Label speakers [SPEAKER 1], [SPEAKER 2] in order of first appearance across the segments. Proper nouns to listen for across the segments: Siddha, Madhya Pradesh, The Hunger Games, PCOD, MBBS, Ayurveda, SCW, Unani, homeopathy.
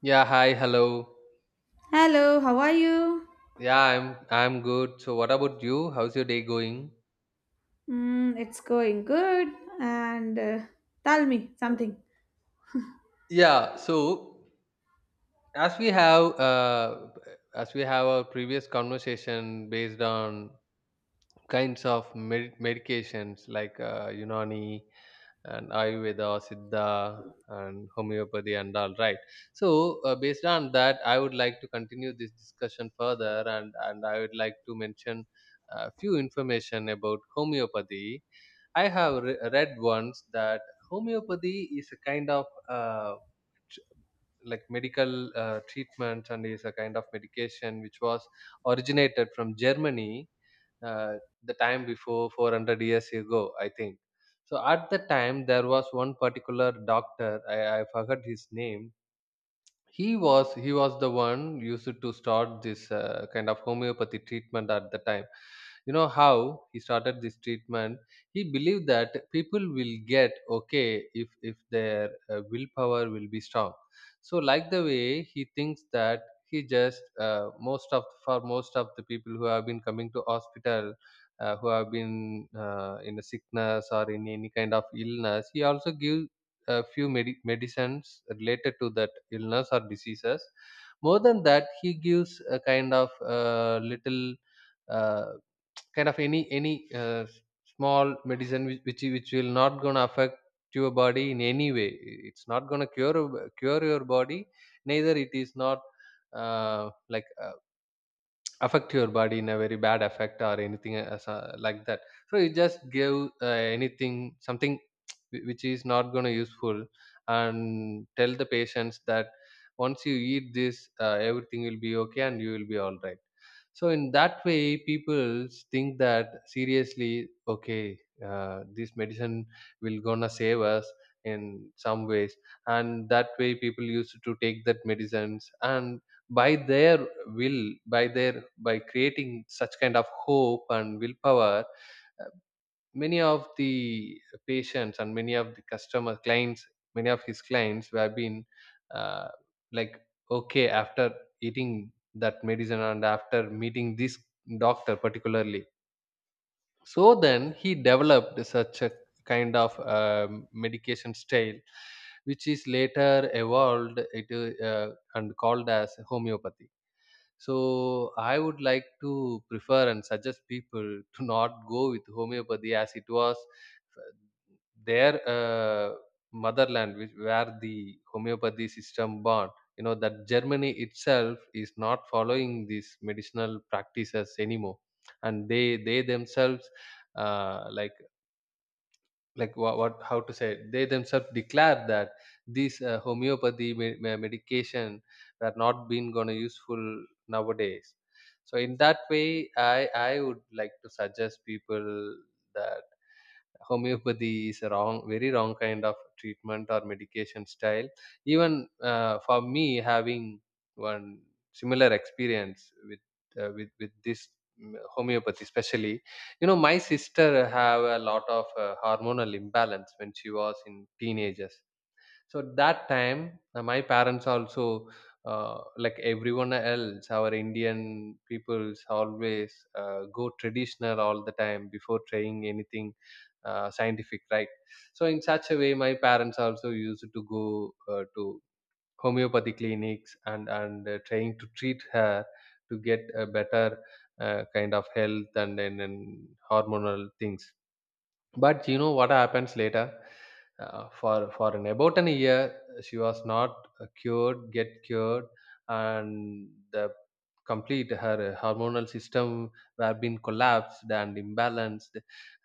[SPEAKER 1] Yeah, hi, hello.
[SPEAKER 2] Hello, how are you?
[SPEAKER 1] Yeah, I'm good. So what about you? How's your day going?
[SPEAKER 2] It's going good. And Tell me something.
[SPEAKER 1] Yeah, so as we have uh, as we have our previous conversation based on kinds of medications like Unani and Ayurveda, Siddha and homeopathy and all right. So based on that, I would like to continue this discussion further and I would like to mention a few information about homeopathy. I have read once that homeopathy is a kind of tr- like medical treatment and is a kind of medication which was originated from Germany, uh, the time before 400 years ago, I think. So at the time, there was one particular doctor, I forgot his name. He was the one used to start this kind of homeopathy treatment at the time. You know how he started this treatment, he believed that people will get okay if their willpower will be strong. So like the way he thinks that, he just most of for most of the people who have been coming to hospital, who have been in a sickness or in any kind of illness, he also give a few medicines related to that illness or diseases. More than that, he gives a kind of little, uh, kind of any small medicine which which will not gonna affect your body in any way. It's not gonna cure your body. Neither it is not, uh, like uh, affect your body in a very bad effect or anything as a, like that. So you just give, uh, anything something which is not going to useful, and tell the patients that once you eat this, everything will be okay and you will be all right. So in that way people think that seriously okay, this medicine will gonna save us in some ways. And that way people used to take that medicines and by their will by their by creating such kind of hope and willpower, uh, many of the patients and many of the customer clients, many of his clients who have been, uh, like okay after eating that medicine and after meeting this doctor particularly. So then he developed such a kind of medication style which is later evolved it, and called as homeopathy. So I would like to prefer and suggest people to not go with homeopathy. As it was uh, their, motherland which, where the homeopathy system born, you know that Germany itself is not following these medicinal practices anymore. And they themselves, uh, like like what how to say it, they themselves declare that these homeopathy medication were not been gonna useful nowadays. So in that way I would like to suggest people that homeopathy is a wrong, very wrong kind of treatment or medication style. Even for me having one similar experience with with this homeopathy especially. You know my sister have a lot of hormonal imbalance when she was in teenagers. So that time, my parents also, like everyone else, our Indian peoples always go traditional all the time before trying anything scientific, right? So in such a way, my parents also used to go to homeopathy clinics and trying to treat her to get a better kind of health and then and hormonal things. But you know what happens later? For an about an year, she was not get cured, and the complete her hormonal system were been collapsed and imbalanced.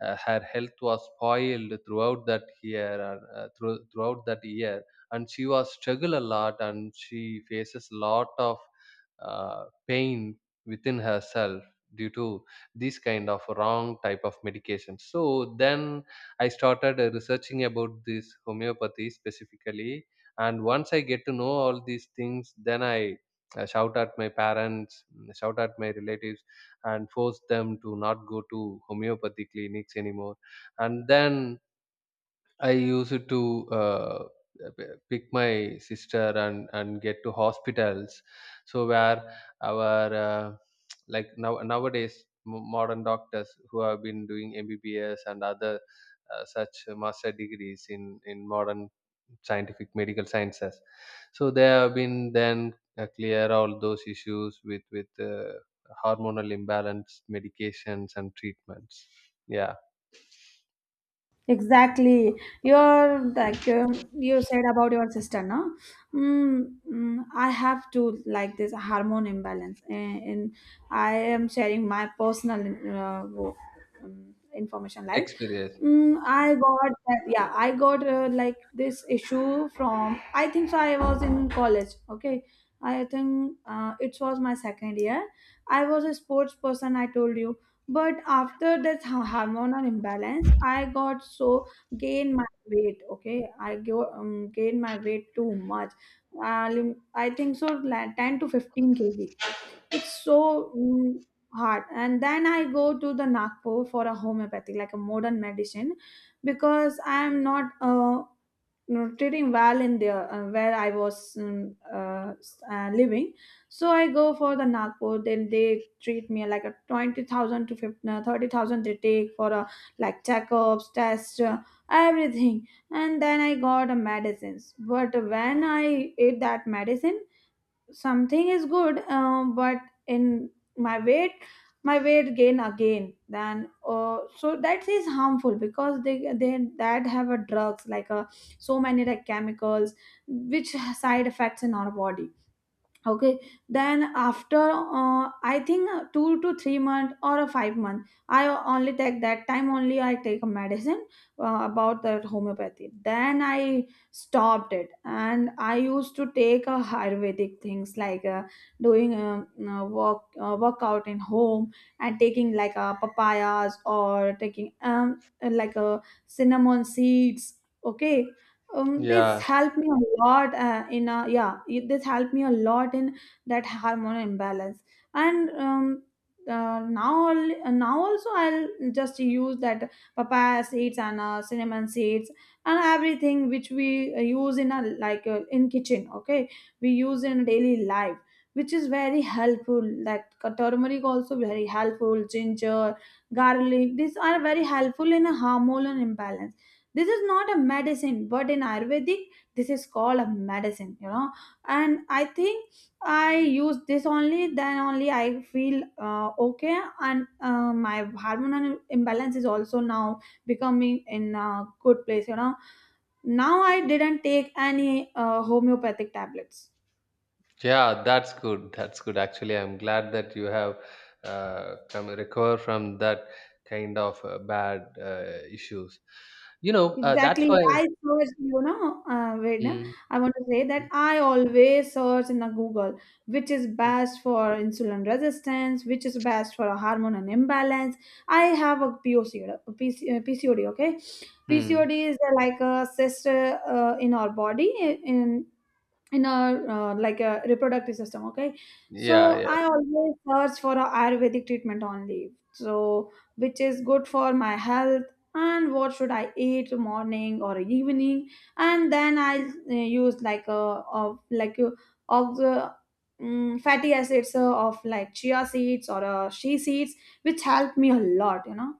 [SPEAKER 1] Her health was spoiled throughout that year, and, throughout that year, and she was struggle a lot, and she faces a lot of pain within herself due to these kind of wrong type of medication. So then I started researching about this homeopathy specifically, and once I get to know all these things then I shout at my parents, shout at my relatives and force them to not go to homeopathy clinics anymore. And then I used to pick my sister and get to hospitals. So where our like now nowadays modern doctors who have been doing MBBS and other such master degrees in modern scientific medical sciences. So they have been then clear all those issues with hormonal imbalance medications and treatments. Yeah,
[SPEAKER 2] Exactly. You're like you said about your sister, no? I have to like this hormone imbalance, and I am sharing my personal uh, wo- information. Like,
[SPEAKER 1] experience.
[SPEAKER 2] mm, I got yeah, I got like this issue from. I think so. I was in college. Okay, I think it was my second year. I was a sports person. I told you but after that hormonal imbalance, I got so gain my weight. Okay, I go gain my weight too much. I think so, like 10 to 15 kg. It's so hard. And then I go to the Nagpur for a homeopathy, like a modern medicine, because I am not you know, treating well in there where I was living, so I go for the Nagpur, then they treat me like a 20,000 to 50, 30,000 they take for a, like checkups, tests, everything. And then I got a medicines. But when I ate that medicine, something is good, but in my weight, my weight gain again. Then so that is harmful because they that have a drugs like a, so many like chemicals which side effects in our body. Okay, then after I think 2 to 3 month or a 5 month, I only take that time only I take a medicine about that homeopathy, then I stopped it and I used to take a ayurvedic things, like doing a, work workout in home and taking like a papayas or taking like a cinnamon seeds. Okay, this
[SPEAKER 1] Yeah.
[SPEAKER 2] helped me a lot in a, yeah, this helped me a lot in that hormonal imbalance. And Now now also I'll just use that papaya seeds and cinnamon seeds and everything, which we use in a, like in kitchen. Okay, we use in daily life, which is very helpful, like turmeric also very helpful, ginger, garlic, these are very helpful in a hormonal imbalance. This is not a medicine, but in ayurvedic this is called a medicine, you know. And I think I use this only, then only I feel okay. And my hormonal imbalance is also now becoming in a good place, you know. Now I didn't take any homeopathic tablets.
[SPEAKER 1] Yeah, that's good. That's good. Actually, I'm glad that you have come recover from that kind of bad issues. You know, that's
[SPEAKER 2] Exactly.
[SPEAKER 1] why.
[SPEAKER 2] I search, you know, wait, no,
[SPEAKER 1] Mm,
[SPEAKER 2] I want to say
[SPEAKER 1] mm,
[SPEAKER 2] that I always search in the Google, which is
[SPEAKER 1] mm,
[SPEAKER 2] best for insulin resistance, which is best for a hormone and imbalance. I have a PCOD, okay?
[SPEAKER 1] mm.
[SPEAKER 2] PCOD is like a cyst in our body, in in a like a reproductive system. Okay,
[SPEAKER 1] Yeah,
[SPEAKER 2] so
[SPEAKER 1] yeah,
[SPEAKER 2] I always search for a ayurvedic treatment only, so which is good for my health and what should I eat morning or evening. And then I use like a of the mm fatty acids of like chia seeds or shea seeds, which help me a lot, you know.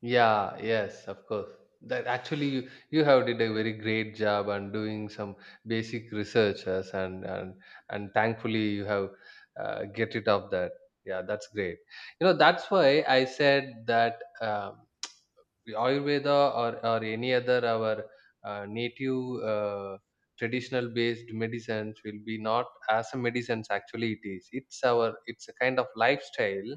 [SPEAKER 1] yeah. Yes, of course. That actually, you have did a very great job on doing some basic researches, and thankfully you have get rid of that. Yeah, that's great. You know, that's why I said that. Ayurveda or any other our native traditional based medicines will be not as a medicines, actually it is it's our it's a kind of lifestyle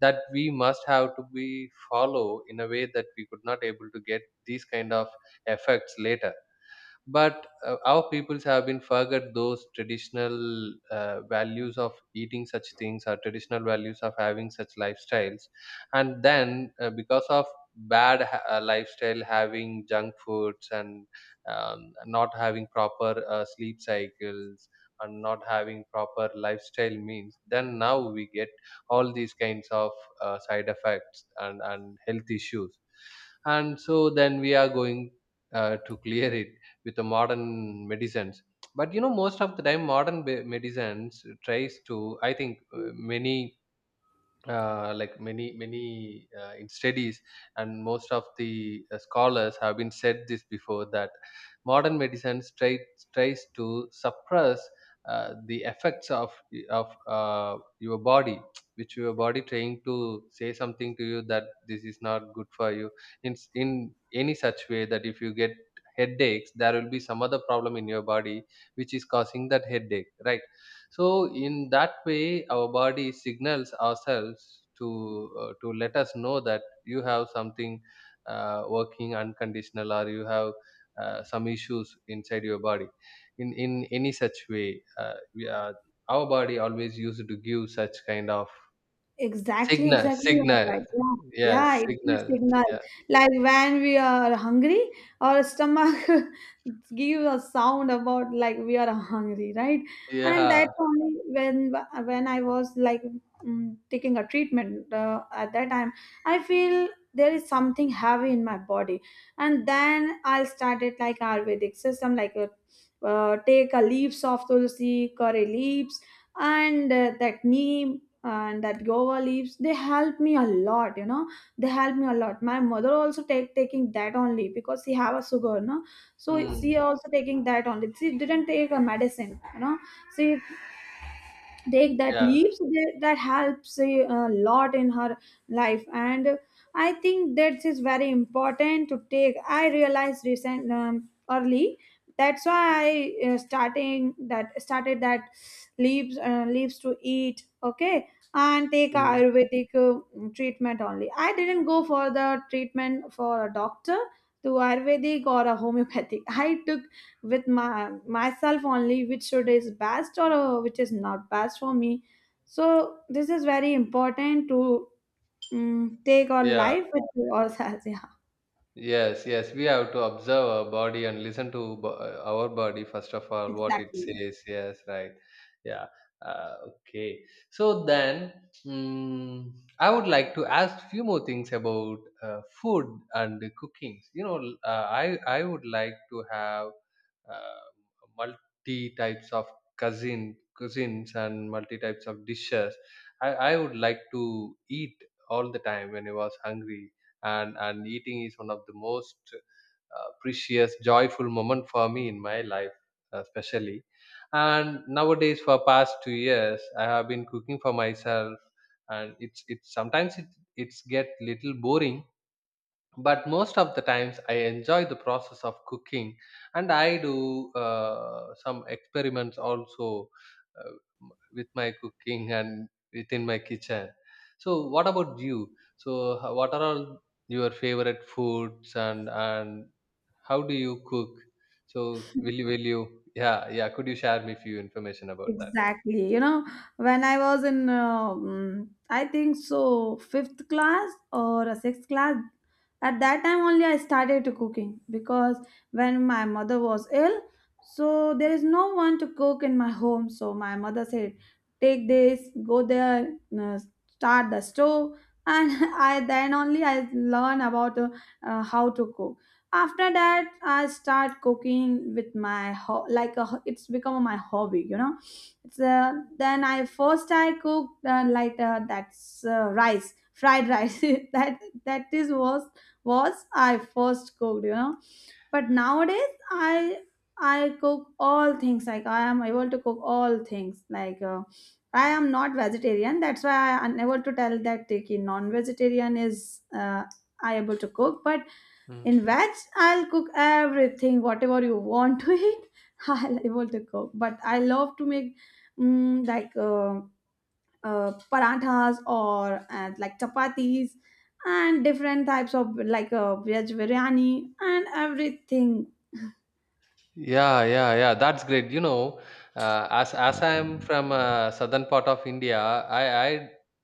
[SPEAKER 1] that we must have to be follow in a way that we could not able to get these kind of effects later. But our peoples have been forget those traditional values of eating such things or traditional values of having such lifestyles. And then because of bad lifestyle having junk foods and, not having proper sleep cycles and not having proper lifestyle means, then now we get all these kinds of side effects and health issues. And so then we are going to clear it with the modern medicines. But you know most of the time modern medicines tries to, I think, many in studies and most of the scholars have been said this before that modern medicine tries to suppress the effects of your body, which your body trying to say something to you that this is not good for you. In in any such way that if you get headaches there will be some other problem in your body which is causing that headache, right? So in that way, our body signals ourselves to let us know that you have something working unconditional, or you have some issues inside your body. In any such way, we are, our body always used to give such kind of
[SPEAKER 2] Exactly, exactly. You are
[SPEAKER 1] signal.
[SPEAKER 2] right. Yeah, yeah,
[SPEAKER 1] Yes,
[SPEAKER 2] it gives
[SPEAKER 1] signals.
[SPEAKER 2] signal.
[SPEAKER 1] Yeah,
[SPEAKER 2] Like when we are hungry, our stomach gives a sound about like we are hungry, right? And
[SPEAKER 1] yeah,
[SPEAKER 2] that's only when I was like taking a treatment at that time, I feel there is something heavy in my body, and then I started like Ayurvedic system, like take a leaves of tulsi, curry leaves, and that neem and that guava leaves, they help me a lot, you know. They help me a lot, my mother also take taking that only because she have a sugar, no. So she
[SPEAKER 1] Hmm.
[SPEAKER 2] also taking that only, she didn't take a medicine, you know. She take that
[SPEAKER 1] Yeah,
[SPEAKER 2] leaps that, that helps a lot in her life. And I think that is very important to take, I realized recent early. That's why I starting that started that leaves leaves to eat. Okay, and take
[SPEAKER 1] Hmm.
[SPEAKER 2] ayurvedic treatment only, I didn't go for the treatment for a doctor to ayurvedic or a homeopathic. I took with my myself only, which should is best or which is not best for me. So this is very important to take our
[SPEAKER 1] Yeah.
[SPEAKER 2] life with ourselves. Yeah,
[SPEAKER 1] Yes, yes, we have to observe our body and listen to our body first of all, what it
[SPEAKER 2] exactly.
[SPEAKER 1] says. Yes, right. Yeah. Okay. So then, mm, I would like to ask few more things about food and the cooking. You know, I would like to have, uh, multi types of cuisines and multi types of dishes. I would like to eat all the time when I was hungry, and eating is one of the most precious joyful moment for me in my life, especially. And nowadays for past 2 years I have been cooking for myself, and it's sometimes it's get little boring, but most of the times I enjoy the process of cooking, and I do some experiments also, uh, with my cooking and within my kitchen. So what about you, so what are all your favorite foods, and how do you cook? So will you yeah, yeah, could you share me few information about that?
[SPEAKER 2] Exactly. You know, when I was in, I think so, 5th class or a 6th class, at that time only I started to cooking because when my mother was ill, so there is no one to cook in my home. So my mother said, take this, go there, start the stove. And I then only I learn about how to cook. After that, I start cooking with my it's become my hobby, you know. It's Then I first I cooked like that's rice, fried rice. That that is was I first cooked, you know. But nowadays I cook all things. Like I am able to cook all things. Like I am not vegetarian. That's why I unable to tell that okay, non-vegetarian is I able to cook, but in veg, I'll cook everything, whatever you want to eat, I'll able to cook. But I love to make mm, like uh, parathas or like chapatis and different types of like veg biryani and everything.
[SPEAKER 1] Yeah, yeah, yeah. That's great. You know, as I am from southern part of India, I I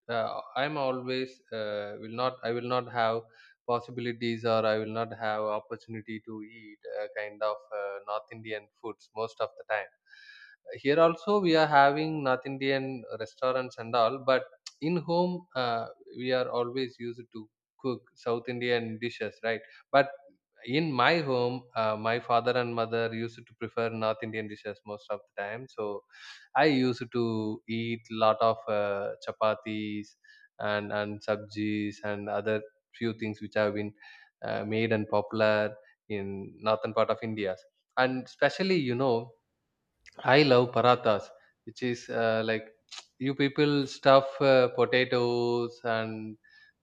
[SPEAKER 1] uh, I'm always will not I will not have possibilities or I will not have opportunity to eat North Indian foods most of the time. Here also we are having North Indian restaurants and all, but in home we are always used to cook South Indian dishes, right? But in my home, my father and mother used to prefer North Indian dishes most of the time. So I used to eat lot of chapatis and sabjis and other few things which have been made and popular in northern part of India. And especially, I love parathas, which is like you people stuff potatoes and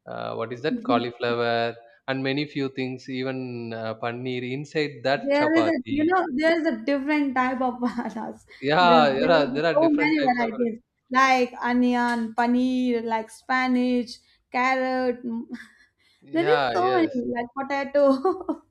[SPEAKER 1] what is that cauliflower and many few things, even paneer inside that
[SPEAKER 2] There is a, you
[SPEAKER 1] chapati.
[SPEAKER 2] know, there is a different type of parathas. There,
[SPEAKER 1] Yeah there
[SPEAKER 2] there
[SPEAKER 1] are
[SPEAKER 2] is
[SPEAKER 1] there are
[SPEAKER 2] so
[SPEAKER 1] different
[SPEAKER 2] many
[SPEAKER 1] types of.
[SPEAKER 2] varieties, like onion, paneer, like spinach, carrot. There is
[SPEAKER 1] yeah
[SPEAKER 2] so
[SPEAKER 1] yes
[SPEAKER 2] many, like potato.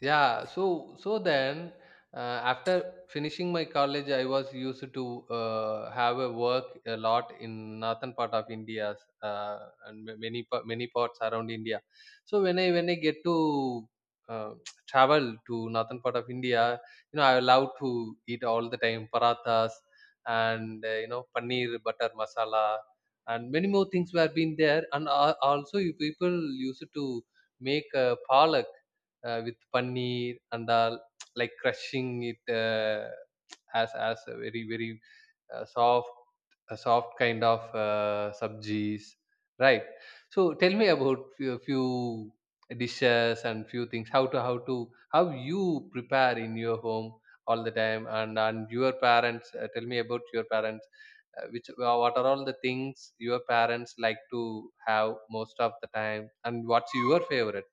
[SPEAKER 1] Yeah so then, after finishing my college, I was used to have a work a lot in northern part of India. uh, and many parts around India. So when I get to uh, travel to northern part of India, I love to eat all the time parathas. And paneer butter masala, and many more things were been there. And also you people used to make palak, with paneer and all, like crushing it, as a very very uh, soft soft kind of sabjis, right? So tell me about few, dishes and few things. How you prepare in your home all the time, and your parents. Tell me about your parents, which what are all the things your parents like to have most of the time, and what's your favorite?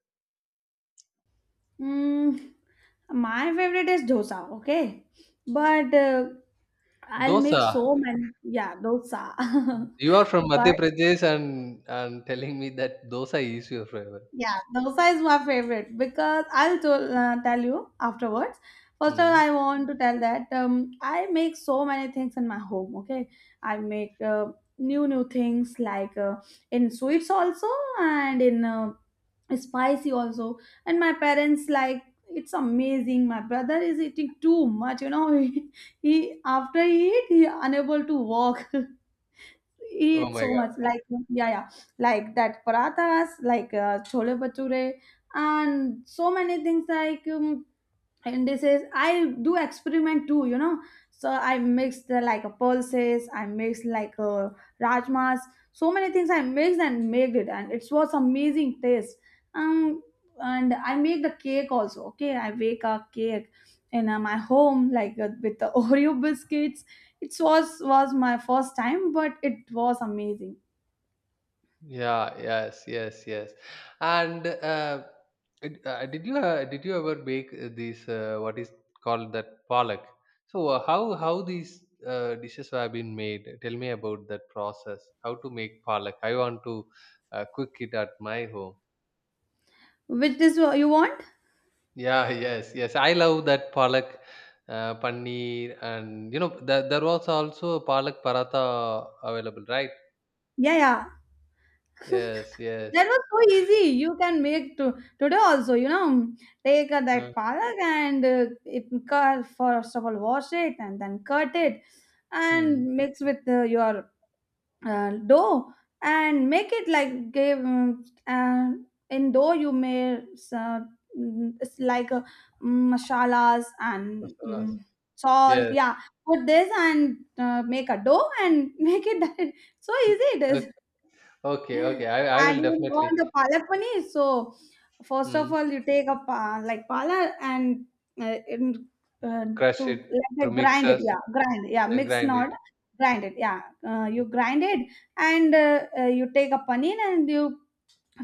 [SPEAKER 2] Mm, my favorite is dosa, okay? But I'll make
[SPEAKER 1] Dosa.
[SPEAKER 2] so many, yeah, dosa.
[SPEAKER 1] You are from Madhya
[SPEAKER 2] But
[SPEAKER 1] Pradesh, and telling me that dosa is your favorite.
[SPEAKER 2] yeah, dosa is my favorite, because I'll tell tell you afterwards. First of all,
[SPEAKER 1] Mm.
[SPEAKER 2] I want to tell that I make so many things in my home. Okay, I make new things like in sweets also and in spicy also. And my parents like it's amazing. My brother is eating too much. You know, he after he eat he unable to walk.
[SPEAKER 1] Oh
[SPEAKER 2] Eat
[SPEAKER 1] my
[SPEAKER 2] so
[SPEAKER 1] God.
[SPEAKER 2] much, like yeah, yeah, like that parathas, like chole bhature and so many things like and this is I do experiment too, you know. So I mix the, like a pulses, I mix like a rajmas, so many things I mixed and made it, and it was amazing taste. um and I make the cake also. Okay, I bake a cake in my home, like with the oreo biscuits. It was my first time, but it was amazing.
[SPEAKER 1] Yeah. Yes. Yes. Yes. And did you ever bake these, what is called, that palak? So how these dishes have been made? Tell me about that process. How to make palak? I want to cook it at my home.
[SPEAKER 2] Which is you want?
[SPEAKER 1] Yeah, yes, yes. I love that palak, paneer, and there was also a palak paratha available, right?
[SPEAKER 2] Yeah, yeah.
[SPEAKER 1] Yes, yes.
[SPEAKER 2] That was so easy. You can make to today also, you know. Take
[SPEAKER 1] Uh,
[SPEAKER 2] that palak and it cut, first of all wash it and then cut it
[SPEAKER 1] hmm.
[SPEAKER 2] and mix with your dough and make it like, give in dough you may it's like masalas and
[SPEAKER 1] Masalas.
[SPEAKER 2] salt,
[SPEAKER 1] Yes.
[SPEAKER 2] yeah. Put this and make a dough and make it, that so easy it is.
[SPEAKER 1] O- Okay, okay. I
[SPEAKER 2] And
[SPEAKER 1] will
[SPEAKER 2] you
[SPEAKER 1] definitely
[SPEAKER 2] want the palak paneer. So first of
[SPEAKER 1] mm,
[SPEAKER 2] all, you take a like palak and in, uh,
[SPEAKER 1] crush
[SPEAKER 2] to
[SPEAKER 1] it through
[SPEAKER 2] like, grind it.
[SPEAKER 1] mixers
[SPEAKER 2] Yeah, grind. Yeah,
[SPEAKER 1] and
[SPEAKER 2] mix
[SPEAKER 1] grind
[SPEAKER 2] not,
[SPEAKER 1] it.
[SPEAKER 2] grind it. Yeah, you grind it, and you take a paneer and you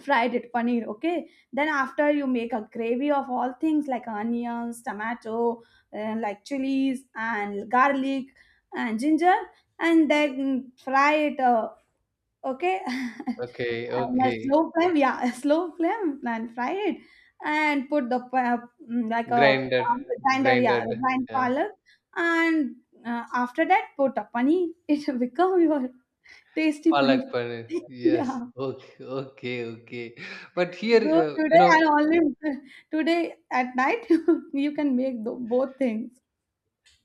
[SPEAKER 2] fried it paneer. Okay. Then after, you make a gravy of all things, like onions, tomato, like chilies and garlic and ginger. And then fry it. Okay,
[SPEAKER 1] Okay,
[SPEAKER 2] on a
[SPEAKER 1] okay.
[SPEAKER 2] slow flame, yeah, a slow flame and fry it, and put the pa- mm, like a
[SPEAKER 1] Grinded,
[SPEAKER 2] grinder, yeah,
[SPEAKER 1] grinded.
[SPEAKER 2] grind
[SPEAKER 1] Yeah.
[SPEAKER 2] palak. And after that, put a paneer, it will become your tasty
[SPEAKER 1] Palak
[SPEAKER 2] paneer.
[SPEAKER 1] paneer.
[SPEAKER 2] Yeah,
[SPEAKER 1] Yes. Okay, okay, okay. But here,
[SPEAKER 2] go
[SPEAKER 1] uh, you
[SPEAKER 2] today and
[SPEAKER 1] know,
[SPEAKER 2] only today at night. You can make the, both things.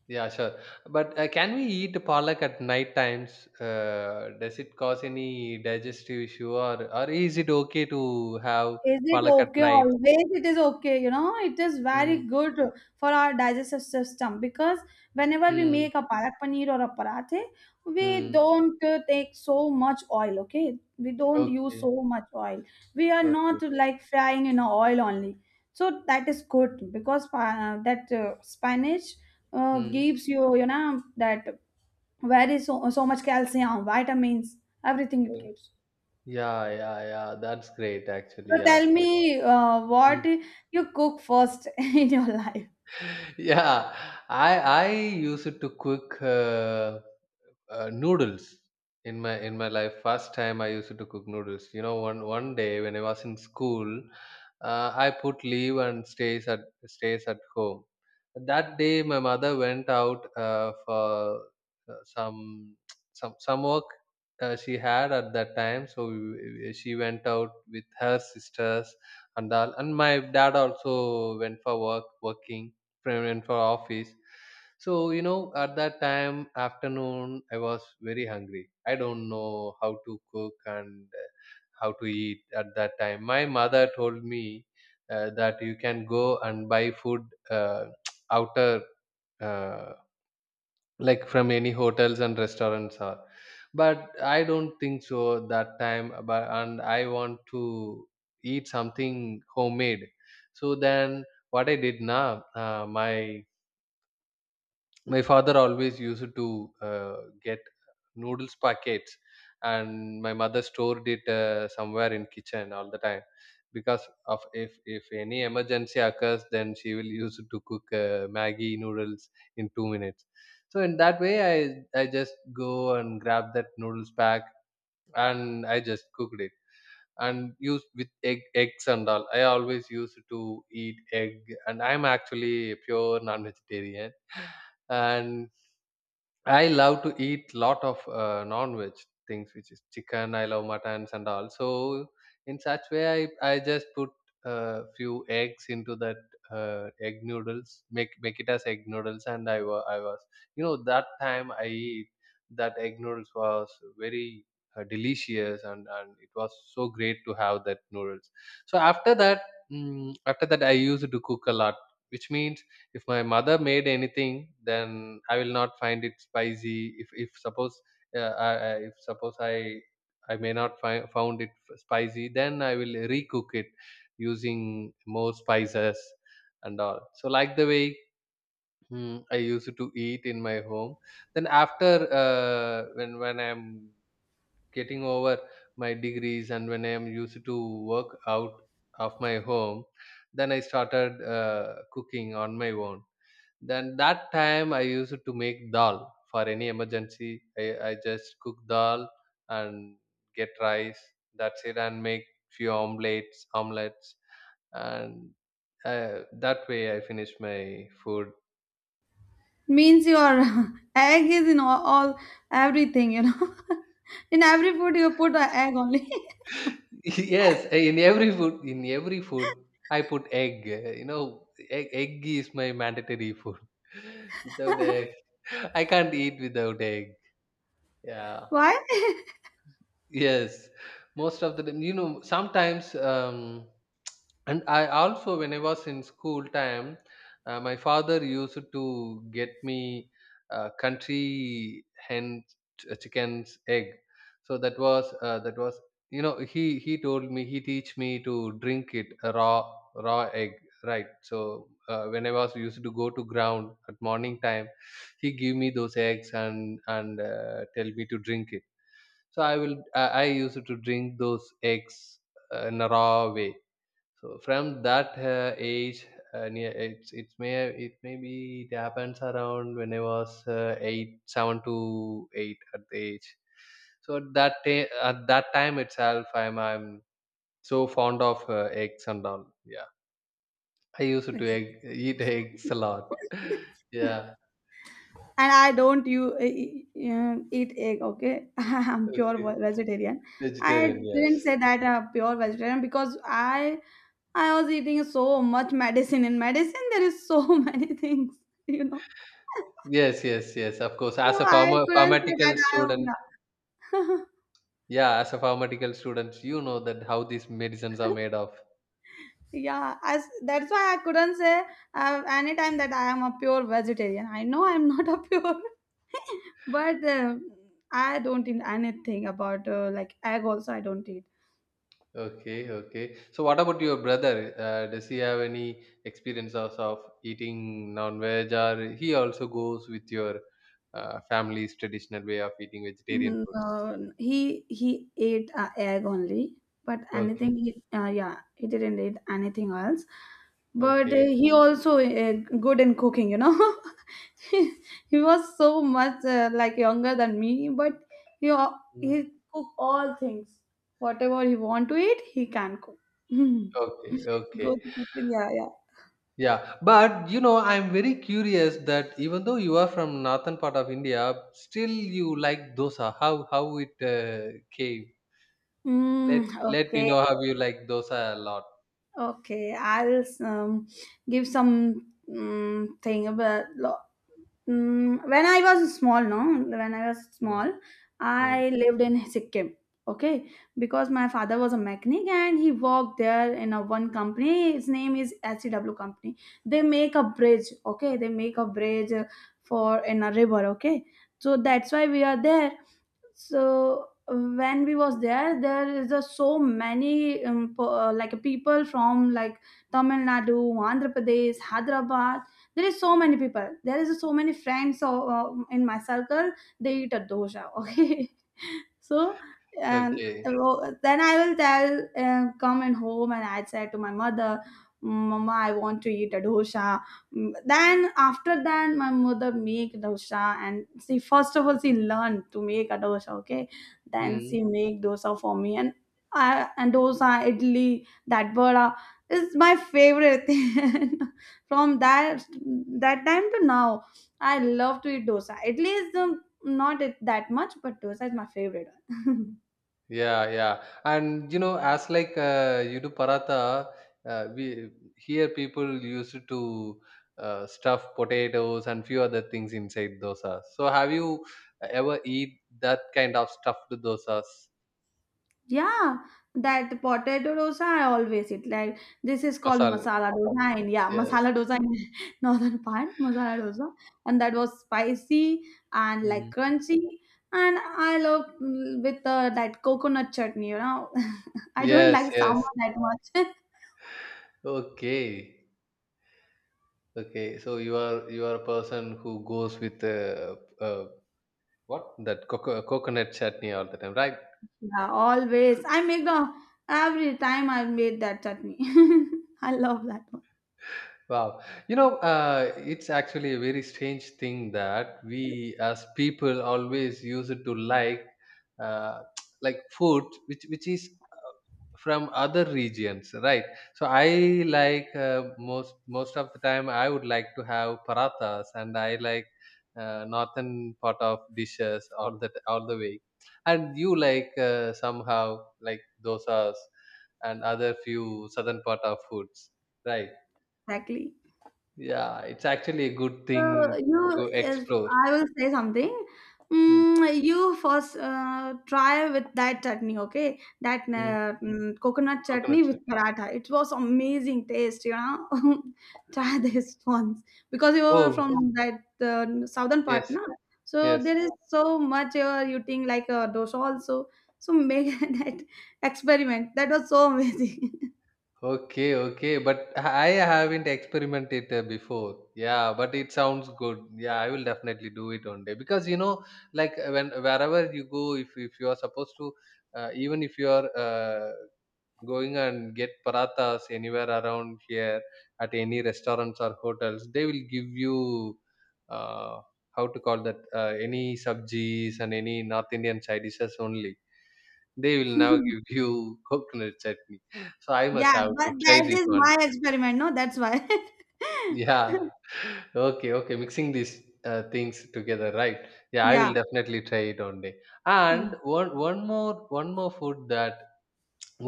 [SPEAKER 1] yeah, sure. But can we eat palak at night times? Does it cause any digestive issue, or is it okay to have
[SPEAKER 2] Is it
[SPEAKER 1] palak at
[SPEAKER 2] okay?
[SPEAKER 1] night?
[SPEAKER 2] Always it is okay, you know, it is very
[SPEAKER 1] Mm,
[SPEAKER 2] good for our digestive system because whenever we
[SPEAKER 1] mm,
[SPEAKER 2] make a parak paneer or a parathe, we
[SPEAKER 1] mm.
[SPEAKER 2] don't take so much oil, okay? We don't use
[SPEAKER 1] Okay,
[SPEAKER 2] so much oil. We are
[SPEAKER 1] okay.
[SPEAKER 2] not like frying in oil only. So that is good because that spinach
[SPEAKER 1] Mm.
[SPEAKER 2] gives you, you know, that very so, so much calcium, vitamins, everything it
[SPEAKER 1] Uh,
[SPEAKER 2] gives.
[SPEAKER 1] yeah, yeah, yeah. That's great, actually.
[SPEAKER 2] So
[SPEAKER 1] Yeah.
[SPEAKER 2] tell me what
[SPEAKER 1] Hmm.
[SPEAKER 2] you cook first in your life.
[SPEAKER 1] Yeah, I used to cook noodles in my life. First time I used to cook noodles. One day when I was in school, I put leave and stays at home. That day, my mother went out for some, some work she had at that time. So she went out with her sisters and all. And my dad also went for work, working, went for office. So at that time afternoon, I was very hungry. I don't know how to cook and how to eat at that time. My mother told me that you can go and buy food uh, outer, uh, like from any hotels and restaurants, or but I don't think so that time. But and I want to eat something homemade. So then what I did now, my father always used to get noodles packets, and my mother stored it somewhere in kitchen all the time, because of if any emergency occurs, then she will use it to cook maggi noodles in 2 minutes. So in that way, I just go and grab that noodles pack, and I just cooked it and use with eggs and all. I always used to eat egg, and I'm actually a pure non vegetarian. And I love to eat lot of non-veg things, which is chicken. I love muttons and all. So in such way, I just put a few eggs into that egg noodles, make it as egg noodles. And I was that time I eat that egg noodles was very delicious, and it was so great to have that noodles. So after that, I used to cook a lot, which means if my mother made anything, then I will not find it spicy. If suppose I may not find found it spicy, then I will recook it using more spices and all. So like the way, I used to eat in my home. Then after, when I'm getting over my degrees, and when I'm used to work out of my home, then I started cooking on my own. Then that time I used to make dal for any emergency. I just cook dal and get rice. That's it, and make few omelets, and that way I finish my food.
[SPEAKER 2] Means your egg is in all everything, you know. In every food you put an egg only.
[SPEAKER 1] Yes, in every food, I put egg. Egg is my mandatory food. Without egg, I can't eat without egg. Yeah.
[SPEAKER 2] Why?
[SPEAKER 1] Yes, most of the time, sometimes, and I also, when I was in school time, my father used to get me country hen chicken's egg. So that was he told me, he teach me to drink it a raw egg, right. So when I was used to go to ground at morning time, he give me those eggs, and tell me to drink it. So I used to drink those eggs in a raw way. So from that age, near it's it may be it happens around when I was 8 7 to 8 at the age. So at at that time itself, I'm so fond of eggs and all. Yeah, I used to
[SPEAKER 2] And
[SPEAKER 1] eat eggs a lot. Yeah.
[SPEAKER 2] I don't you eat egg. Okay, I'm pure
[SPEAKER 1] Okay.
[SPEAKER 2] vegetarian. I
[SPEAKER 1] Vegetarian. Yes.
[SPEAKER 2] didn't say that pure vegetarian because I was eating so much medicine. In medicine, there is so many things, you know.
[SPEAKER 1] Yes, yes, yes. Of course,
[SPEAKER 2] So
[SPEAKER 1] as a
[SPEAKER 2] I couldn't say
[SPEAKER 1] pharmaceutical
[SPEAKER 2] that
[SPEAKER 1] student.
[SPEAKER 2] I am.
[SPEAKER 1] Yeah, as a pharmaceutical student, you know that how these medicines are made of.
[SPEAKER 2] Yeah, as that's why I couldn't say anytime that I am a pure vegetarian. I know I'm not a pure but I don't eat anything about like egg also I don't eat.
[SPEAKER 1] Okay, okay. So what about your brother? Does he have any experience of eating non-veg, or he also goes with your family's traditional way of eating vegetarian
[SPEAKER 2] Mm,
[SPEAKER 1] foods?
[SPEAKER 2] he ate egg only, but
[SPEAKER 1] Okay,
[SPEAKER 2] anything he, yeah, he didn't eat anything else. But
[SPEAKER 1] okay.
[SPEAKER 2] he also uh, good in cooking, you know. He was so much like younger than me, but
[SPEAKER 1] Mm.
[SPEAKER 2] he cook all things, whatever he want to eat, he can cook.
[SPEAKER 1] Okay,
[SPEAKER 2] Go
[SPEAKER 1] okay.
[SPEAKER 2] to kitchen, yeah, yeah.
[SPEAKER 1] Yeah, but I'm very curious that even though you are from northern part of India, still you like dosa. How it came?
[SPEAKER 2] Mm,
[SPEAKER 1] Let me
[SPEAKER 2] okay,
[SPEAKER 1] know how you like dosa a lot.
[SPEAKER 2] okay, I'll give some thing about. Mm, when I was small, no, when I was
[SPEAKER 1] Mm,
[SPEAKER 2] small,
[SPEAKER 1] mm,
[SPEAKER 2] I lived in Sikkim. Okay, because my father was a mechanic and he worked there in a one company. His name is SCW company. They make a bridge. Okay, they make a bridge for in a river. Okay, so that's why we are there. So when we was there, there is a so many like people from like Tamil Nadu, Andhra Pradesh, Hyderabad. There is so many people, there is so many friends in my circle. They eat a dosa. Okay, so and
[SPEAKER 1] okay.
[SPEAKER 2] uh, then I will tell, come and home and I said to my mother, mama, I want to eat a dosa. Mm, then after that my mother make dosa, and she, first of all, she learned to make a dosa. Okay, then
[SPEAKER 1] Mm.
[SPEAKER 2] she make dosa for me. And I, and dosa, idli, that vada is my favorite thing from that that time to now. I love to eat dosa. Idli is not it that much, but dosa is my favorite one.
[SPEAKER 1] Yeah, yeah. And as, like, you do paratha, we here people used to stuff potatoes and few other things inside dosa. So have you ever eat that kind of stuffed dosas?
[SPEAKER 2] Yeah, that potato dosa I always eat. Like, this is called
[SPEAKER 1] Masala.
[SPEAKER 2] masala dosa, and yeah,
[SPEAKER 1] Yes.
[SPEAKER 2] masala dosa in northern part, masala dosa, and that was spicy and like
[SPEAKER 1] Mm.
[SPEAKER 2] crunchy. And I love mm, with that coconut chutney, you know. I don't
[SPEAKER 1] Yes,
[SPEAKER 2] like
[SPEAKER 1] yes.
[SPEAKER 2] sambar that much.
[SPEAKER 1] Okay. Okay. So you are a person who goes with uh, what? That coconut chutney all the time, right?
[SPEAKER 2] Yeah, always. I make the every time I made that chutney. I love that one.
[SPEAKER 1] Wow. It's actually a very strange thing that we, as people, always use it to like, uh, like food, which is from other regions, right? So I like, most of the time, I would like to have parathas, and I like northern part of dishes all the way. And you like somehow like dosas and other few southern part of foods, right?
[SPEAKER 2] Exactly.
[SPEAKER 1] Yeah, it's actually a good
[SPEAKER 2] So
[SPEAKER 1] thing
[SPEAKER 2] you,
[SPEAKER 1] to
[SPEAKER 2] yes,
[SPEAKER 1] explore.
[SPEAKER 2] I will say something.
[SPEAKER 1] Mm,
[SPEAKER 2] Mm, you first try with that chutney, okay? That
[SPEAKER 1] mm,
[SPEAKER 2] mm, coconut chutney
[SPEAKER 1] coconut sir.
[SPEAKER 2] with paratha. It was amazing taste, you know. Try this once because you are
[SPEAKER 1] Oh,
[SPEAKER 2] from that southern
[SPEAKER 1] yes,
[SPEAKER 2] part, na. So
[SPEAKER 1] yes.
[SPEAKER 2] there is so much you are eating like dosa also. So make that experiment. That was so amazing.
[SPEAKER 1] Okay, okay. But I haven't experimented before. Yeah, but it sounds good. Yeah, I will definitely do it one day, because like, when wherever you go, if you are supposed to, even if you are going and get parathas anywhere around here at any restaurants or hotels, they will give you uh, how to call that, any sabjis and any north indian side dishes only. They will now give you coconut chutney. So I must
[SPEAKER 2] Yeah,
[SPEAKER 1] have
[SPEAKER 2] but
[SPEAKER 1] to try
[SPEAKER 2] that
[SPEAKER 1] this
[SPEAKER 2] is
[SPEAKER 1] once.
[SPEAKER 2] my experiment, no? That's why.
[SPEAKER 1] Yeah. Okay, okay. Mixing these things together, right? Yeah, I
[SPEAKER 2] Yeah.
[SPEAKER 1] will definitely try it one day.
[SPEAKER 2] Mm.
[SPEAKER 1] And one more food that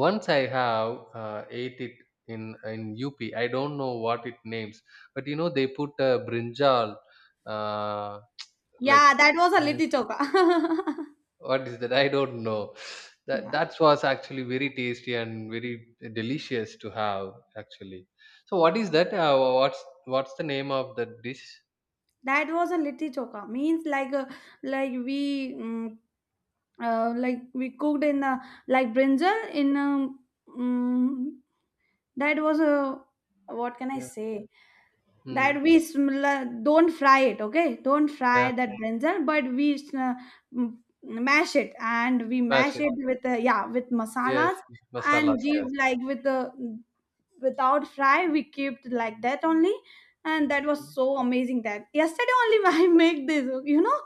[SPEAKER 1] once I have ate it in up, I don't know what it names. But they put brinjal, uh, like,
[SPEAKER 2] Yeah, that was a
[SPEAKER 1] uh,
[SPEAKER 2] little choka.
[SPEAKER 1] what is that, I don't know. that
[SPEAKER 2] Yeah.
[SPEAKER 1] that was actually very tasty and very delicious to have, actually. So what is that, what's the name of that dish?
[SPEAKER 2] That was a litti choka, means like a, like we mm like we cooked in a, like brinjal in a, mm, that was a, what can I
[SPEAKER 1] Yeah.
[SPEAKER 2] say,
[SPEAKER 1] Hmm.
[SPEAKER 2] that we don't fry it, okay, don't
[SPEAKER 1] Yeah.
[SPEAKER 2] fry that brinjal, but we uh, mash it, and we mash
[SPEAKER 1] Mashed.
[SPEAKER 2] it with yeah, with
[SPEAKER 1] Yes.
[SPEAKER 2] masalas, and
[SPEAKER 1] Masalas.
[SPEAKER 2] give like with the, without fry we keep like that only. And that was
[SPEAKER 1] Yes.
[SPEAKER 2] so amazing that yesterday only I make this, you know.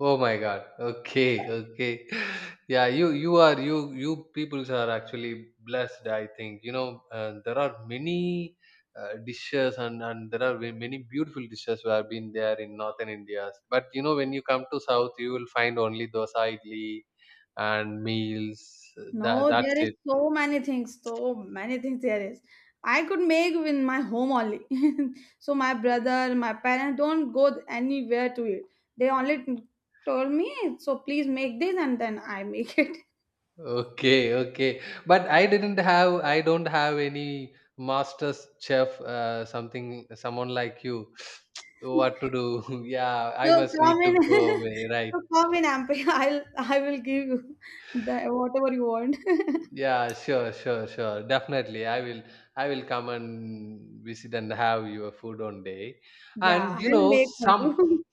[SPEAKER 1] Oh my God. Okay, okay. Yeah, you peoples are actually blessed. I think there are many dishes, and there are many beautiful dishes who have been there in northern India. But when you come to south, you will find only dosa, idli, and meals. That
[SPEAKER 2] No,
[SPEAKER 1] that's
[SPEAKER 2] there is
[SPEAKER 1] it.
[SPEAKER 2] so many things there is. I could make in my home only. So my brother, my parents don't go anywhere to it. They only told me, so please make this, and then I make it.
[SPEAKER 1] Okay, okay. But I didn't have, I don't have any master's chef, something, someone like you. What to do? Yeah, I
[SPEAKER 2] So
[SPEAKER 1] must need
[SPEAKER 2] come in,
[SPEAKER 1] to go away, right?
[SPEAKER 2] so come in, Ampi. I will give you the whatever you want.
[SPEAKER 1] Yeah, sure, sure, sure. Definitely, I will come and visit and have your food one day.
[SPEAKER 2] Yeah,
[SPEAKER 1] And you
[SPEAKER 2] I'll
[SPEAKER 1] know,
[SPEAKER 2] make for
[SPEAKER 1] some
[SPEAKER 2] you.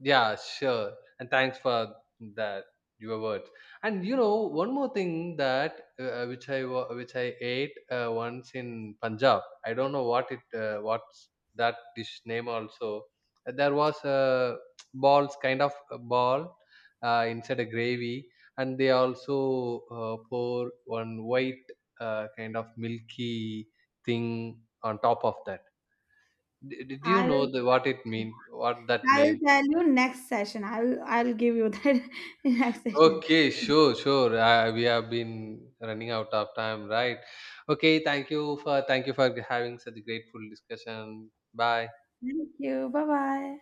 [SPEAKER 1] Yeah, sure. And thanks for that your words. And one more thing that, which I ate once in Punjab. I don't know what it, what's that dish name also. There was balls, kind of a ball inside a gravy, and they also pour one white kind of milky thing on top of that. Do you know
[SPEAKER 2] I'll
[SPEAKER 1] the, what it mean? What that
[SPEAKER 2] I will
[SPEAKER 1] name?
[SPEAKER 2] tell you next session. I'll give you that in next session.
[SPEAKER 1] Okay, sure, sure. We have been running out of time, right? Okay, thank you for having such a grateful discussion. Bye.
[SPEAKER 2] Thank you. Bye bye.